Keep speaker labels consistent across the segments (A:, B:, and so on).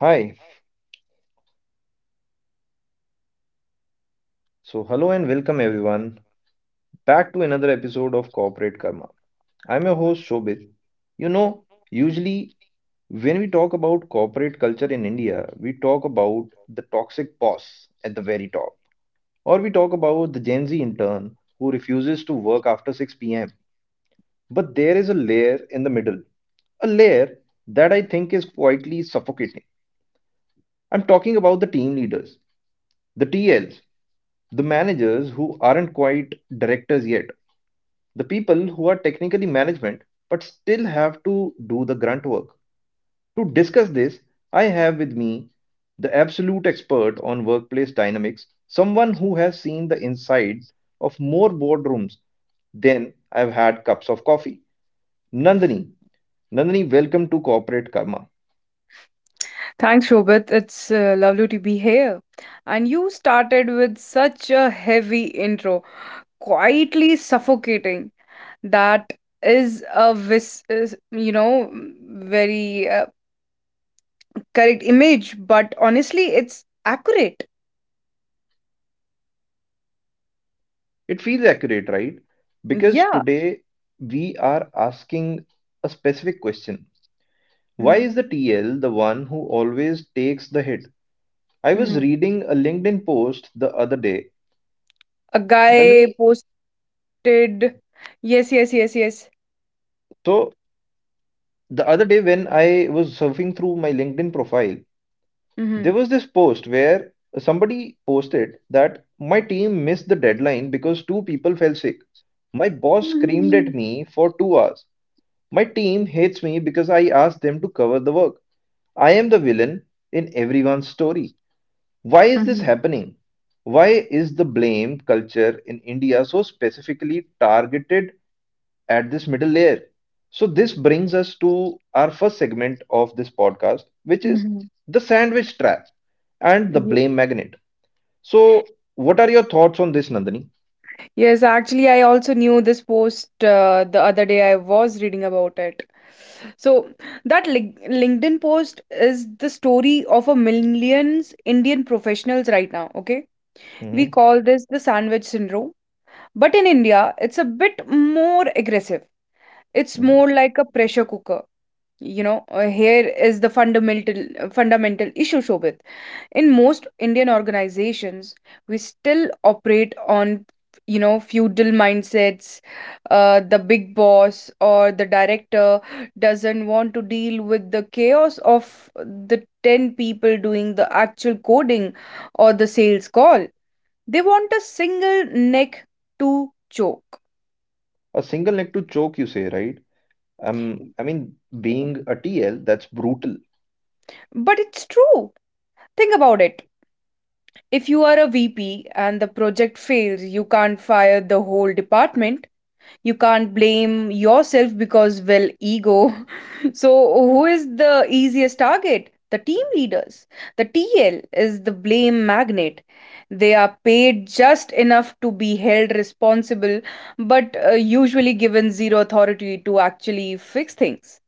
A: Hi, hello and welcome everyone back to another episode of Corporate Karma. I'm your host Shobit. You know, usually when we talk about corporate culture in India, we talk about the toxic boss at the very top, or we talk about the Gen Z intern who refuses to work after 6 p.m. But there is a layer in the middle, a layer that I think is quietly suffocating. I'm talking about the team leaders, the TLs, the managers who aren't quite directors yet, the people who are technically management but still have to do the grunt work. To discuss this, I have with me the absolute expert on workplace dynamics, someone who has seen the inside of more boardrooms than I've had cups of coffee. Nandini, Nandini, welcome to Corporate Karma.
B: Thanks, Shobit. It's lovely to be here. And you started with such a heavy intro, quietly suffocating. That is a vis, is, you know, very correct image, but honestly, it's accurate.
A: It feels accurate, right? Because
B: Yeah.
A: today we are asking a specific question. Why
B: Hmm.
A: is the TL the one who always takes the hit? I was
B: Hmm.
A: reading a LinkedIn post the other day.
B: A guy
A: Nandini,
B: posted. Yes, yes, yes, yes.
A: so the other day when I was surfing through my LinkedIn profile,
B: Mm-hmm.
A: there was this post where somebody posted that my team missed the deadline because two people fell sick. My boss screamed at me for two hours. My team hates me because I asked them to cover the work. I am the villain in everyone's story. Why is this
B: Mm-hmm.
A: happening? Why is the blame culture in India so specifically targeted at this middle layer? So, this brings us to our first segment of this podcast, which is
B: Mm-hmm.
A: the sandwich trap and the blame magnet. So, what are your thoughts on this, Nandini?
B: Yes, actually, I also knew this post the other day. I was reading about it. So, that LinkedIn post is the story of a millions Indian professionals right now, okay? We
A: Hmm
B: call this the sandwich syndrome. But in India, it's a bit more aggressive. It's more
A: hmm
B: like a pressure cooker. Here is the fundamental issue, Shobit. In most Indian organizations, we still operate on feudal mindsets. The big boss or the director doesn't want to deal with the chaos of the 10 people doing the actual coding or the sales call. They want a single neck to choke.
A: A single neck to choke, you say, right? I mean, being a TL, that's brutal.
B: But it's true, think about it. If you are a VP and the project fails, you can't fire the whole department. You can't blame yourself because, well, ego. So, who is the easiest target? The team leaders. The TL is the blame magnet. They are paid just enough to be held responsible, but usually given zero authority to actually fix things.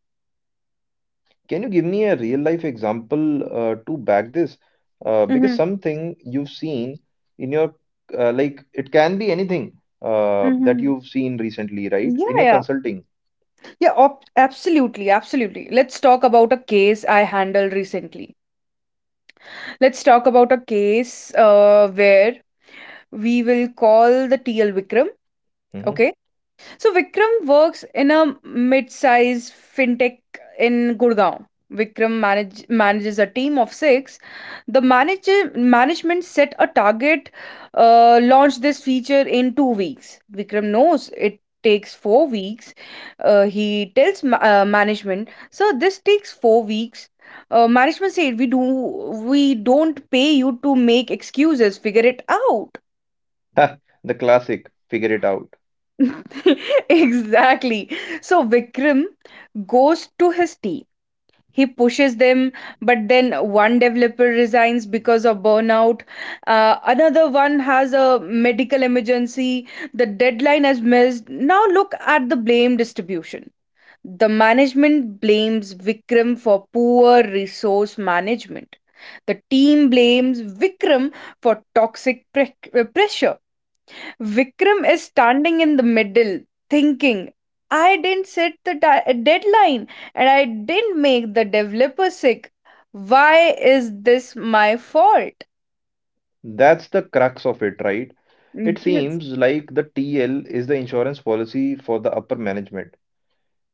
A: Can you give me a real life example to back this? Because
B: Mm-hmm.
A: something you've seen in your like it can be anything that
B: Mm-hmm.
A: you've seen recently, right?
B: Yeah,
A: In your
B: yeah.
A: consulting.
B: Yeah, op absolutely, absolutely. Let's talk about a case I handled recently. Let's talk about a case where we will call the TL Vikram,
A: Mm-hmm.
B: okay? So Vikram works in a mid-size fintech in Gurgaon. Vikram manages a team of six. The manager management set a target, launch this feature in 2 weeks. Vikram knows it takes 4 weeks. He tells management, "Sir, this takes 4 weeks." Management said, We don't pay you to make excuses. Figure it out."
A: The classic, figure it out.
B: Exactly. So Vikram goes to his team. He pushes them, but then one developer resigns because of burnout. Another one has a medical emergency. The deadline is missed. Now look at the blame distribution. The management blames Vikram for poor resource management. The team blames Vikram for toxic pressure. Vikram is standing in the middle thinking, I didn't set the deadline and I didn't make the developer sick. Why is this my fault?
A: That's the crux of it, right? It
B: Yes.
A: seems like the TL is the insurance policy for the upper management.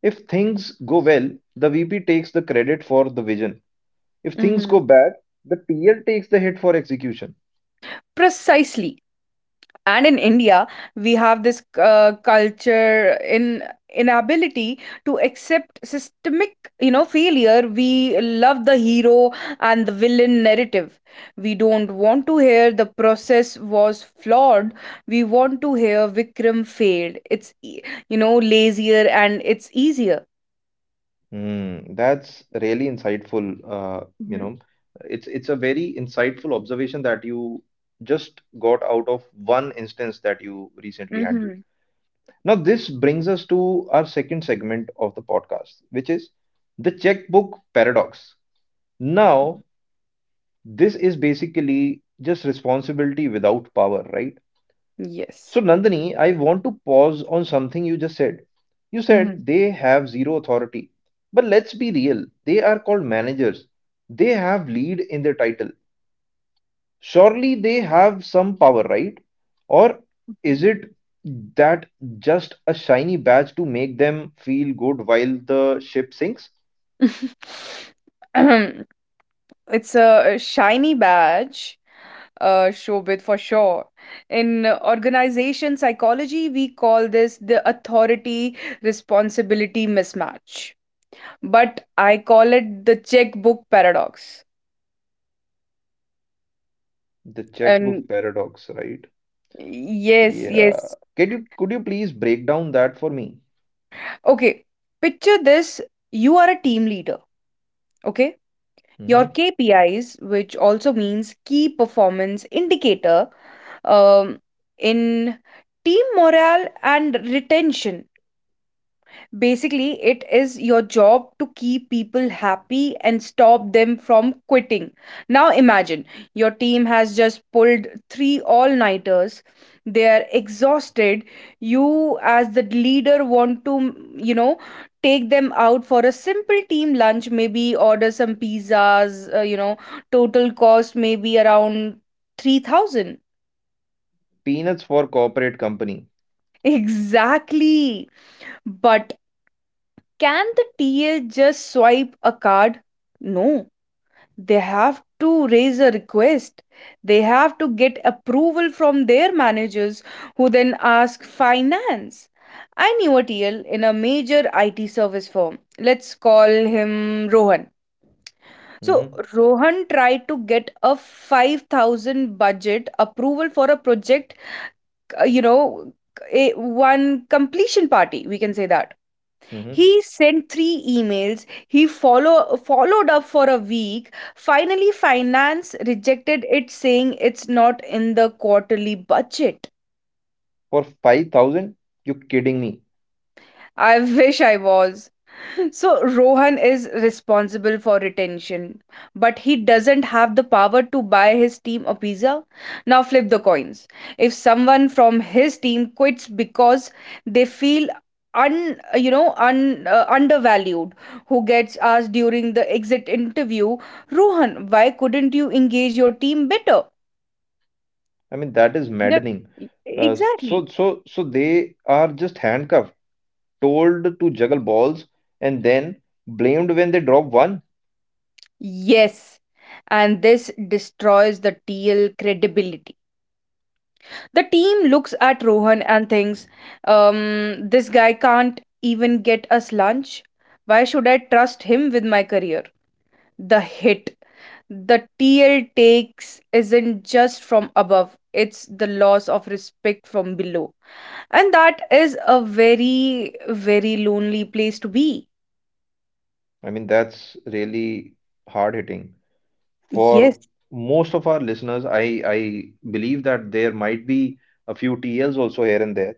A: If things go well, the VP takes the credit for the vision. If things
B: Hmm.
A: go bad, the TL takes the hit for execution.
B: Precisely. And in India, we have this culture in inability to accept systemic failure. We love the hero and the villain narrative. We don't want to hear the process was flawed. We want to hear Vikram failed. It's, lazier and it's easier.
A: Hmm, that's really insightful.
B: Mm-hmm.
A: It's a very insightful observation that you just got out of one instance that you recently handled.
B: Mm.
A: Now, this brings us to our second segment of the podcast, which is the checkbook paradox. Now, this is basically just responsibility without power, right?
B: Yes.
A: So, Nandini, I want to pause on something you just said. You said they have zero authority. But let's be real, they are called managers. They have lead in their title. Surely they have some power, right? Or
B: Hmm.
A: is it that just a shiny badge to make them feel good while the ship sinks?
B: It's a shiny badge, Shobit, for sure. In organization psychology, we call this the authority responsibility mismatch. But I call it the checkbook paradox.
A: The
B: And
A: checkbook paradox, right?
B: yes,
A: Yeah.
B: yes.
A: Can you could you please break down that for me?
B: Okay, picture this. You are a team leader, okay? Your
A: Hmm
B: KPIs, which also means key performance indicator, um, in team morale and retention. Basically, it is your job to keep people happy and stop them from quitting. Now, imagine your team has just pulled three all nighters, they are exhausted. You, as the leader, want to take them out for a simple team lunch, maybe order some pizzas, total cost maybe around 3,000.
A: Peanuts for corporate company.
B: Exactly. But can the TL just swipe a card? No, they have to raise a request. They have to get approval from their managers, who then ask finance. I knew a TL in a major IT service firm. Let's call him Rohan. So,
A: Hmm
B: Rohan tried to get a 5,000 budget approval for a project, uh, you know, a one completion party, we can say that.
A: hmm
B: He sent three emails. He followed up for a week. Finally, finance rejected it, saying it's not in the quarterly budget.
A: For 5,000? You kidding me?
B: I wish I was. So Rohan is responsible for retention, but he doesn't have the power to buy his team a pizza. Now flip the coins. If someone from his team quits because they feel un you know un undervalued, who gets asked during the exit interview? Rohan, why couldn't you engage your team better?
A: I mean, that is
B: That
A: maddening. Uh,
B: exactly.
A: so, so, so they are just handcuffed, told to juggle balls, and then blamed when they drop one.
B: Yes, and this destroys the TL credibility. The team looks at Rohan and thinks, this guy can't even get us lunch. Why should I trust him with my career? The hit the TL takes isn't just from above, it's the loss of respect from below. And that is a very, very lonely place to be.
A: I mean, that's really hard hitting. For
B: Yes.
A: most of our listeners, I believe that there might be a few TLs also here and there.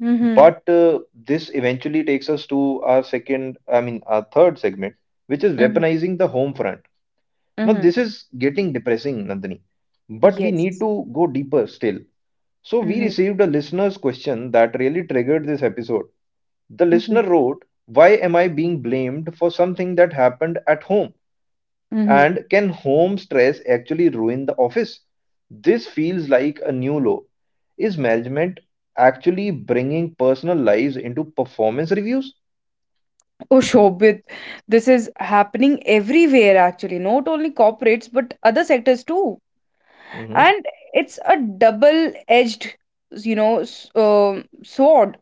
B: Mm-hmm.
A: But this eventually takes us to our our third segment, which is
B: Mm-hmm.
A: weaponizing the home front. Now,
B: Mm-hmm.
A: this is getting depressing, Nandini, but we need
B: Yes.
A: to go deeper still. So, we
B: Mm-hmm.
A: received a listener's question that really triggered this episode. The
B: Mm-hmm.
A: listener wrote, why am I being blamed for something that happened at home?
B: Mm-hmm.
A: And can home stress actually ruin the office? This feels like a new low. Is management actually bringing personal lives into performance reviews?
B: Oh, Shobit, this is happening everywhere actually, not only corporates but other sectors too.
A: Hmm
B: And it's a double-edged sword.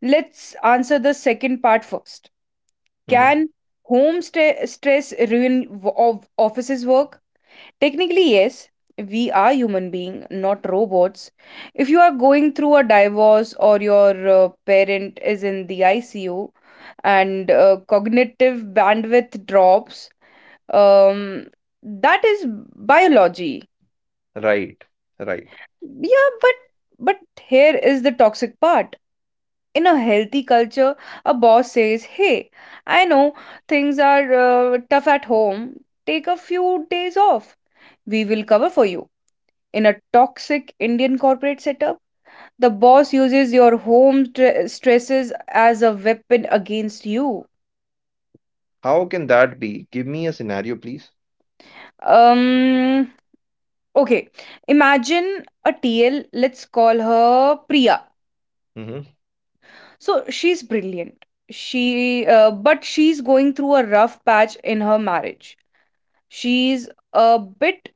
B: Let's answer the second part first.
A: hmm
B: Can home sta stress ruin of offices work? Technically, yes, we are human beings, not robots. If you are going through a divorce or your parent is in the ICU and cognitive bandwidth drops, um, that is biology.
A: Right, right.
B: Yeah, but but here is the toxic part. In a healthy culture, a boss says, "Hey, I know things are tough at home. Take a few days off. We will cover for you." In a toxic Indian corporate setup, the boss uses your home stresses as a weapon against you.
A: How can that be? Give me a scenario, please.
B: Um, okay, imagine a TL, let's call her Priya.
A: Mm-hmm.
B: So she's brilliant. But she's going through a rough patch in her marriage. She's a bit,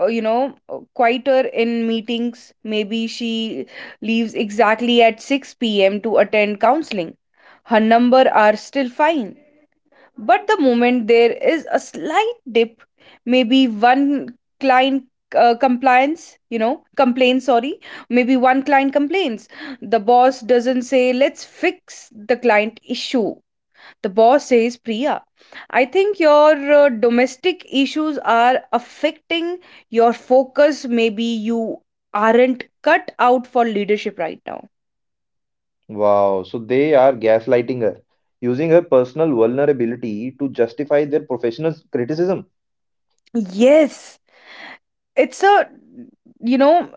B: uh, you know, uh, quieter in meetings. Maybe she leaves exactly at 6 p.m. to attend counseling. Her number are still fine, but the moment there is a slight dip, maybe one client compliance, complain, sorry, maybe one client complains. The boss doesn't say, let's fix the client issue. The boss says, Priya, I think your domestic issues are affecting your focus. Maybe you aren't cut out for leadership right now.
A: Wow, so they are gaslighting her, using her personal vulnerability to justify their professional criticism.
B: Yes, it's a, you know,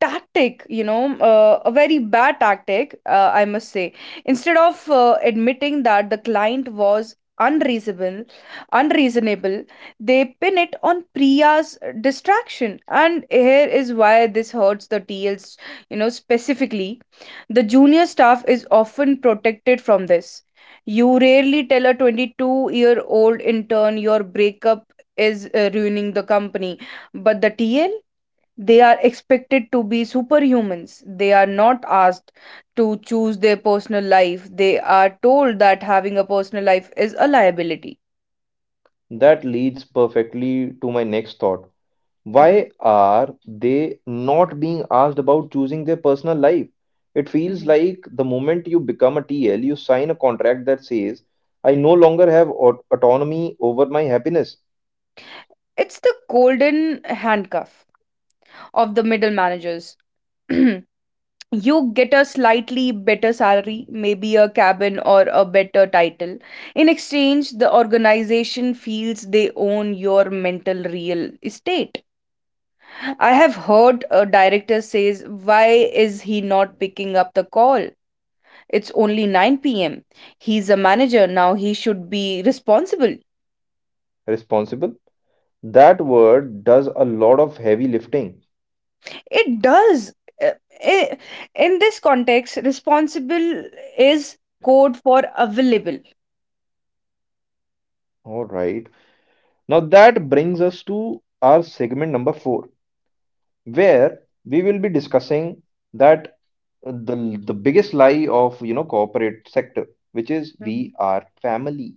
B: tactic, a very bad tactic, I must say. Instead of admitting that the client was unreasonable, they pin it on Priya's distraction. And here is why this hurts the TLs, specifically. The junior staff is often protected from this. You rarely tell a 22-year-old intern your breakup is ruining the company, but the TL, they are expected to be superhumans. They are not asked to choose their personal life. They are told that having a personal life is a liability.
A: That leads perfectly to my next thought.
B: Hmm.
A: Why are they not being asked about choosing their personal life? It feels
B: Hmm.
A: like the moment you become a TL, you sign a contract that says, I no longer have autonomy over my happiness.
B: It's the golden handcuff of the middle managers. You get a slightly better salary, maybe a cabin or a better title. In exchange, the organization feels they own your mental real estate. I have heard a director says, Why is he not picking up the call? It's only 9 pm. He's a manager now, he should be responsible.
A: Responsible? That word does a lot of heavy lifting.
B: It does. uh, i- In this context, responsible is code for available.
A: All right. Now that brings us to our segment number four, where we will be discussing that the biggest lie of, you know, corporate sector, which is
B: Mhm.
A: we are family.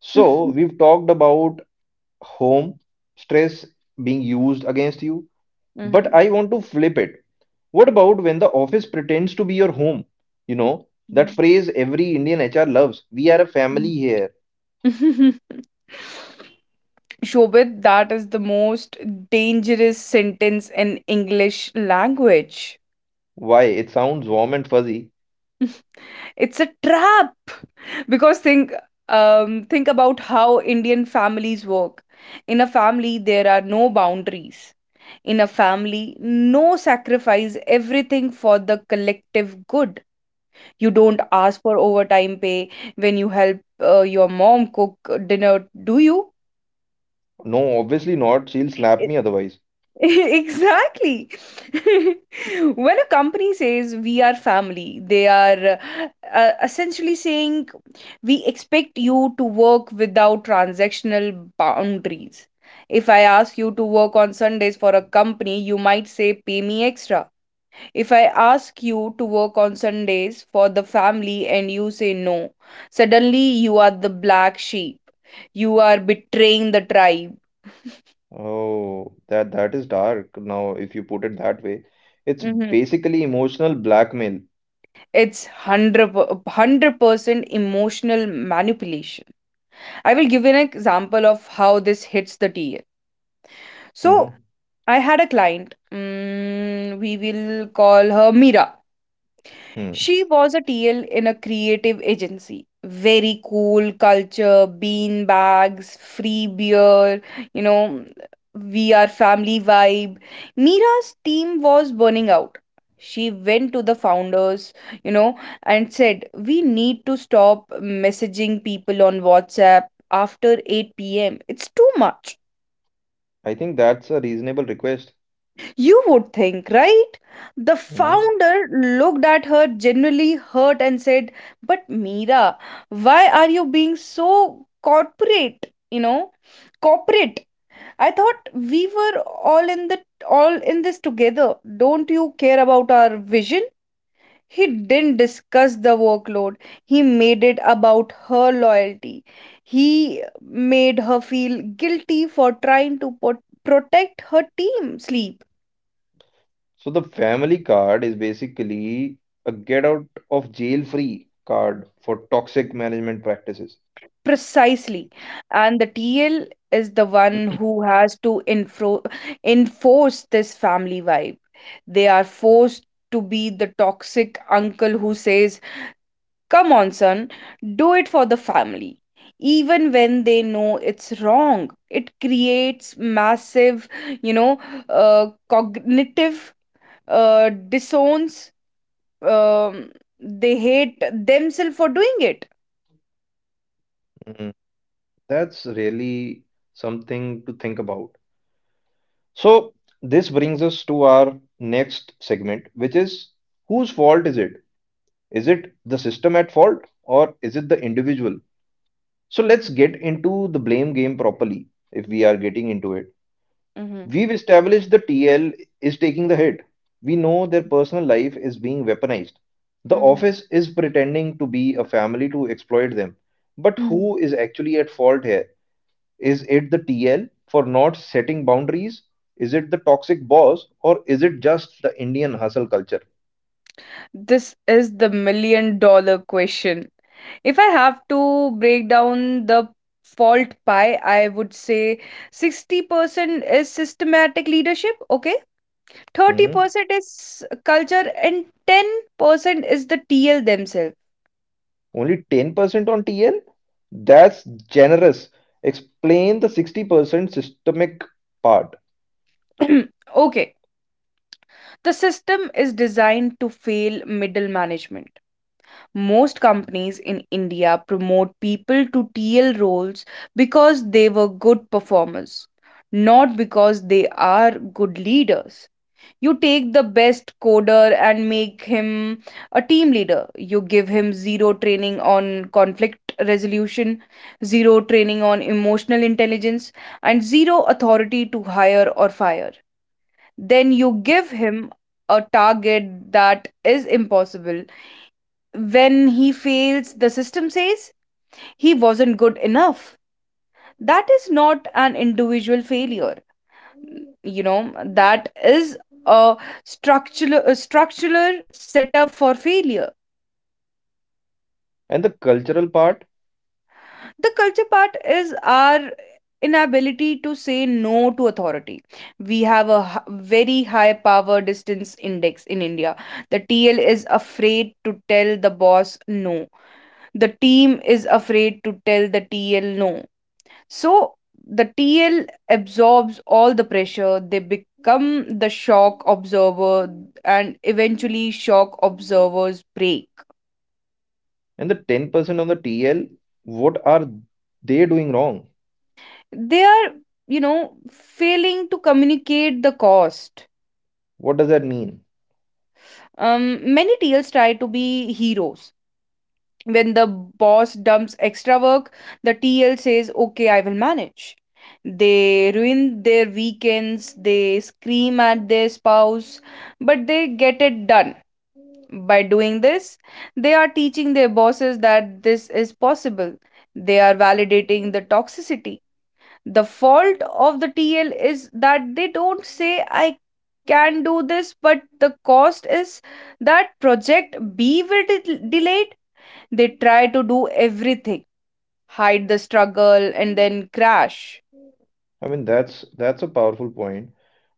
A: So
B: Mhm.
A: we've talked about home stress being used against you, but
B: Mhm.
A: I want to flip it. What about when the office pretends to be your home? You know, that
B: Mhm.
A: phrase every Indian HR loves. We are a family here.
B: Shobit, that is the most dangerous sentence in English language.
A: Why? It sounds warm and fuzzy.
B: It's a trap. Because think about how Indian families work. In a family, there are no boundaries. In a family, no sacrifice everything for the collective good. You don't ask for overtime pay when you help your mom cook dinner, do you?
A: No, obviously not. She'll slap me otherwise.
B: Exactly. When a company says we are family, they are essentially saying we expect you to work without transactional boundaries. If I ask you to work on Sundays for a company, you might say pay me extra. If I ask you to work on Sundays for the family and you say no, suddenly you are the black sheep. You are betraying the tribe.
A: Oh, that is dark. Now, if you put it that way, it's
B: Mm-hmm.
A: basically emotional blackmail.
B: It's 100% emotional manipulation. I will give you an example of how this hits the TL. So,
A: Hmm
B: I had a client. We will call her Mira.
A: Hmm.
B: She was a TL in a creative agency. Very cool culture, bean bags, free beer, you know, we are family vibe. Mira's team was burning out. She went to the founders, you know, and said, We need to stop messaging people on WhatsApp after 8 pm. It's too much.
A: I think that's a reasonable request.
B: You would think, right? The
A: Hmm
B: founder looked at her genuinely hurt and said, But Mira, why are you being so corporate? You know, corporate. I thought we were all in the all in this together. Don't you care about our vision? He didn't discuss the workload. He made it about her loyalty. He made her feel guilty for trying to protect her team sleep.
A: So the family card is basically a get out of jail free card for toxic management practices.
B: Precisely. And the TL is the one who has to enforce this family vibe. They are forced to be the toxic uncle who says, Come on, son, do it for the family. Even when they know it's wrong, it creates massive, you know, cognitive dissonance. Um, they hate themselves for doing it.
A: Hmm. That's really something to think about. So, this brings us to our next segment, which is whose fault is it? Is it the system at fault or is it the individual? So let's get into the blame game properly if we are getting into it.
B: Mm-hmm.
A: We've established the TL is taking the hit. We know their personal life is being weaponized. The
B: Hmm.
A: office is pretending to be a family to exploit them. But
B: Hmm.
A: who is actually at fault here? Is it the TL for not setting boundaries? Is it the toxic boss or is it just the Indian hustle culture?
B: This is the million dollar question. If I have to break down the fault pie, I would say 60% is systematic leadership, okay?
A: Mhm.
B: 30% is culture, and 10% is the TL themselves.
A: Only 10% on TL? That's generous. Explain the 60% systemic part.
B: Okay. The system is designed to fail middle management. Most companies in India promote people to TL roles because they were good performers, not because they are good leaders. You take the best coder and make him a team leader. You give him zero training on conflict resolution, zero training on emotional intelligence, and zero authority to hire or fire. Then you give him a target that is impossible. When he fails, the system says he wasn't good enough. That is not an individual failure. That is a a structural setup for failure.
A: And the cultural part,
B: The culture part is our inability to say no to authority. We have a very high power distance index in India. The TL is afraid to tell the boss no. The team is afraid to tell the TL no. So the TL absorbs all the pressure, they become the shock observer, and eventually, shock observers break.
A: and the 10% on the TL, what are they doing wrong?
B: They are, failing to communicate the cost.
A: What does that mean?
B: Many TLs try to be heroes. When the boss dumps extra work, the TL says, "Okay, I will manage." They ruin their weekends, they scream at their spouse, but they get it done. By doing this, they are teaching their bosses that this is possible. They are validating the toxicity. The fault of the TL is that they don't say, "I can do this, but the cost is that project B will delayed." They try to do everything, hide the struggle, and then crash.
A: I mean, that's a powerful point.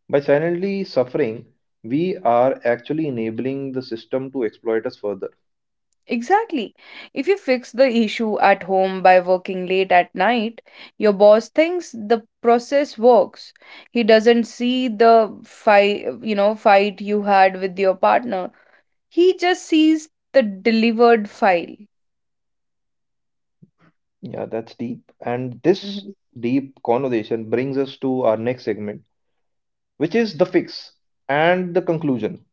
A: By silently suffering, we are actually enabling the system to exploit us further.
B: Exactly. If you fix the issue at home by working late at night, your boss thinks the process works. He doesn't see the fight you had with your partner. He just sees the delivered file.
A: Yeah, that's deep. And this
B: Mhm,
A: deep conversation brings us to our next segment, which is the fix and the conclusion.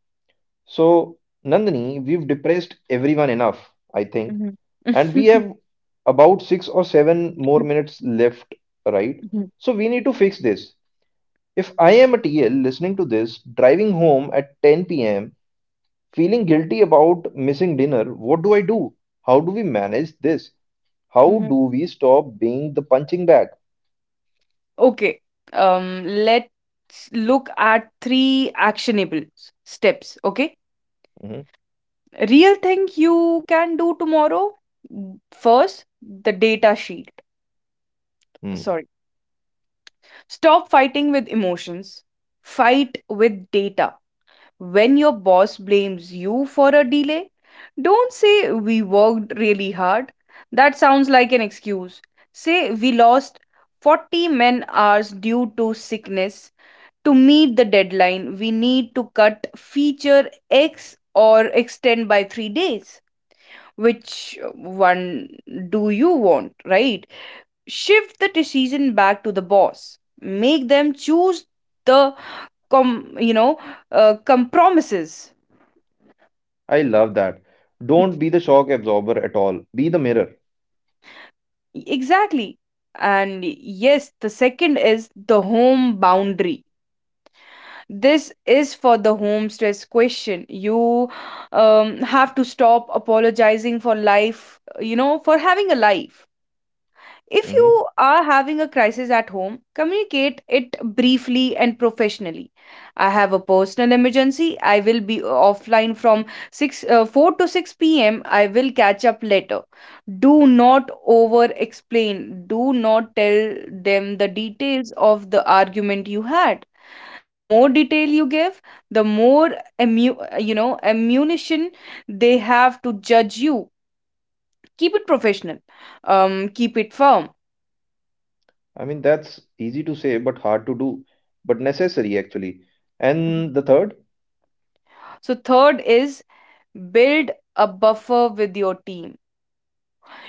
A: So, Nandini, we've depressed everyone enough, I think,
B: mhm,
A: and we have about six or seven more minutes left, right?
B: mhm,
A: So, we need to fix this. If I am a TL listening to this, driving home at 10 p.m., feeling guilty about missing dinner. What do I do? How do we manage this? How
B: mhm.
A: do we stop being the punching bag?
B: Okay. Let's look at three actionable steps. Okay.
A: Mhm.
B: Real thing you can do tomorrow. n- First, the data sheet,
A: Hmm.
B: sorry. Stop fighting with emotions, fight with data. When your boss blames you for a delay, don't say, "We worked really hard." That sounds like an excuse. Say, "We lost 40 men hours due to sickness. To meet the deadline we need to cut feature x or extend by 3 days. Which one do you want, right?" Shift the decision back to the boss. Make them choose the com, you know, compromises.
A: I love that. Don't be the shock absorber at all. Be the mirror.
B: Exactly. And yes, the second is the home boundary. This is for the home stress question. You have to stop apologizing for for having a life. If
A: Hmm
B: you are having a crisis at home, communicate it briefly and professionally. "I have a personal emergency. I will be offline from 6 uh, 4 to 6 p.m. I will catch up later." Do not over explain. Do not tell them the details of the argument you had. The more detail you give, the more ammu- ammunition they have to judge you. Keep it professional. Keep it firm.
A: I mean, that's easy to say, but hard to do, but necessary actually. And the third,
B: So, third is build a buffer with your team.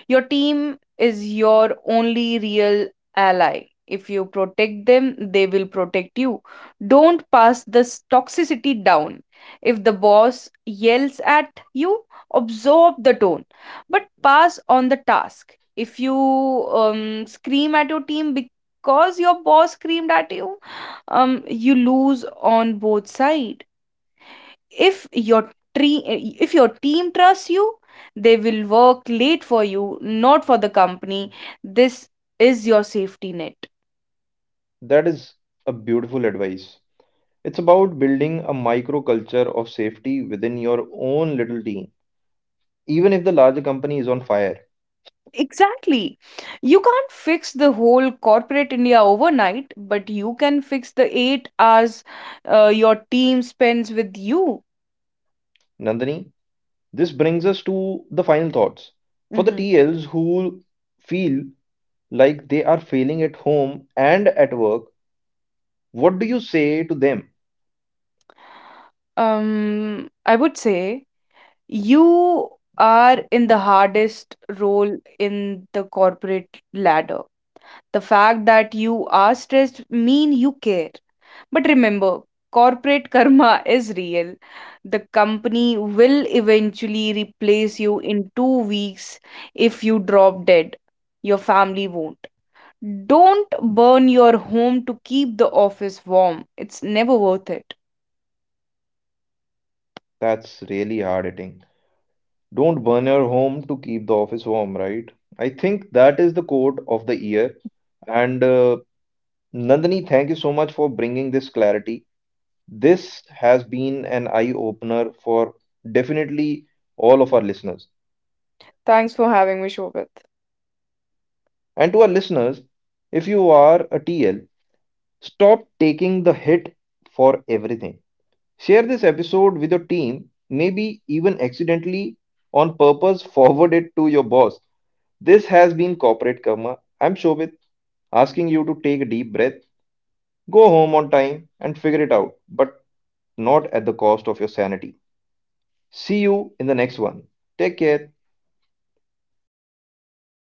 B: Your team is your only real ally. If you protect them, they will protect you. Don't pass this toxicity down. If the boss yells at you, absorb the tone, but pass on the task. If you scream at your team because your boss screamed at you, you lose on both sides. if your tree if your team trusts you, they will work late for you, not for the company. This is your safety net.
A: that is a beautiful advice. It's about building a microculture of safety within your own little team, even if the larger company is on fire.
B: Exactly. You can't fix the whole corporate india overnight, but you can fix the 8 hours your team spends with you.
A: Nandini, this brings us to the final thoughts. For the
B: Mhm.
A: TLs who feel like they are failing at home and at work, what do you say to them?
B: I would say you are in the hardest role in the corporate ladder. The fact that you are stressed mean you care. But remember, corporate karma is real. The company will eventually replace you in 2 weeks if you drop dead. Your family won't. Don't burn your home to keep the office warm. It's never worth it.
A: That's really hard hitting. Don't burn your home to keep the office warm, right? I think that is the quote of the year. And Nandini, thank you so much for bringing this clarity. This has been an eye opener for definitely all of our listeners.
B: Thanks for having me, Shobit.
A: And to our listeners, if you are a TL, stop taking the hit for everything. Share this episode with your team, maybe even accidentally on purpose, forward it to your boss. This has been Corporate Karma. I'm Shobit, asking you to take a deep breath, go home on time, and figure it out, but not at the cost of your sanity. See you in the next one. Take care.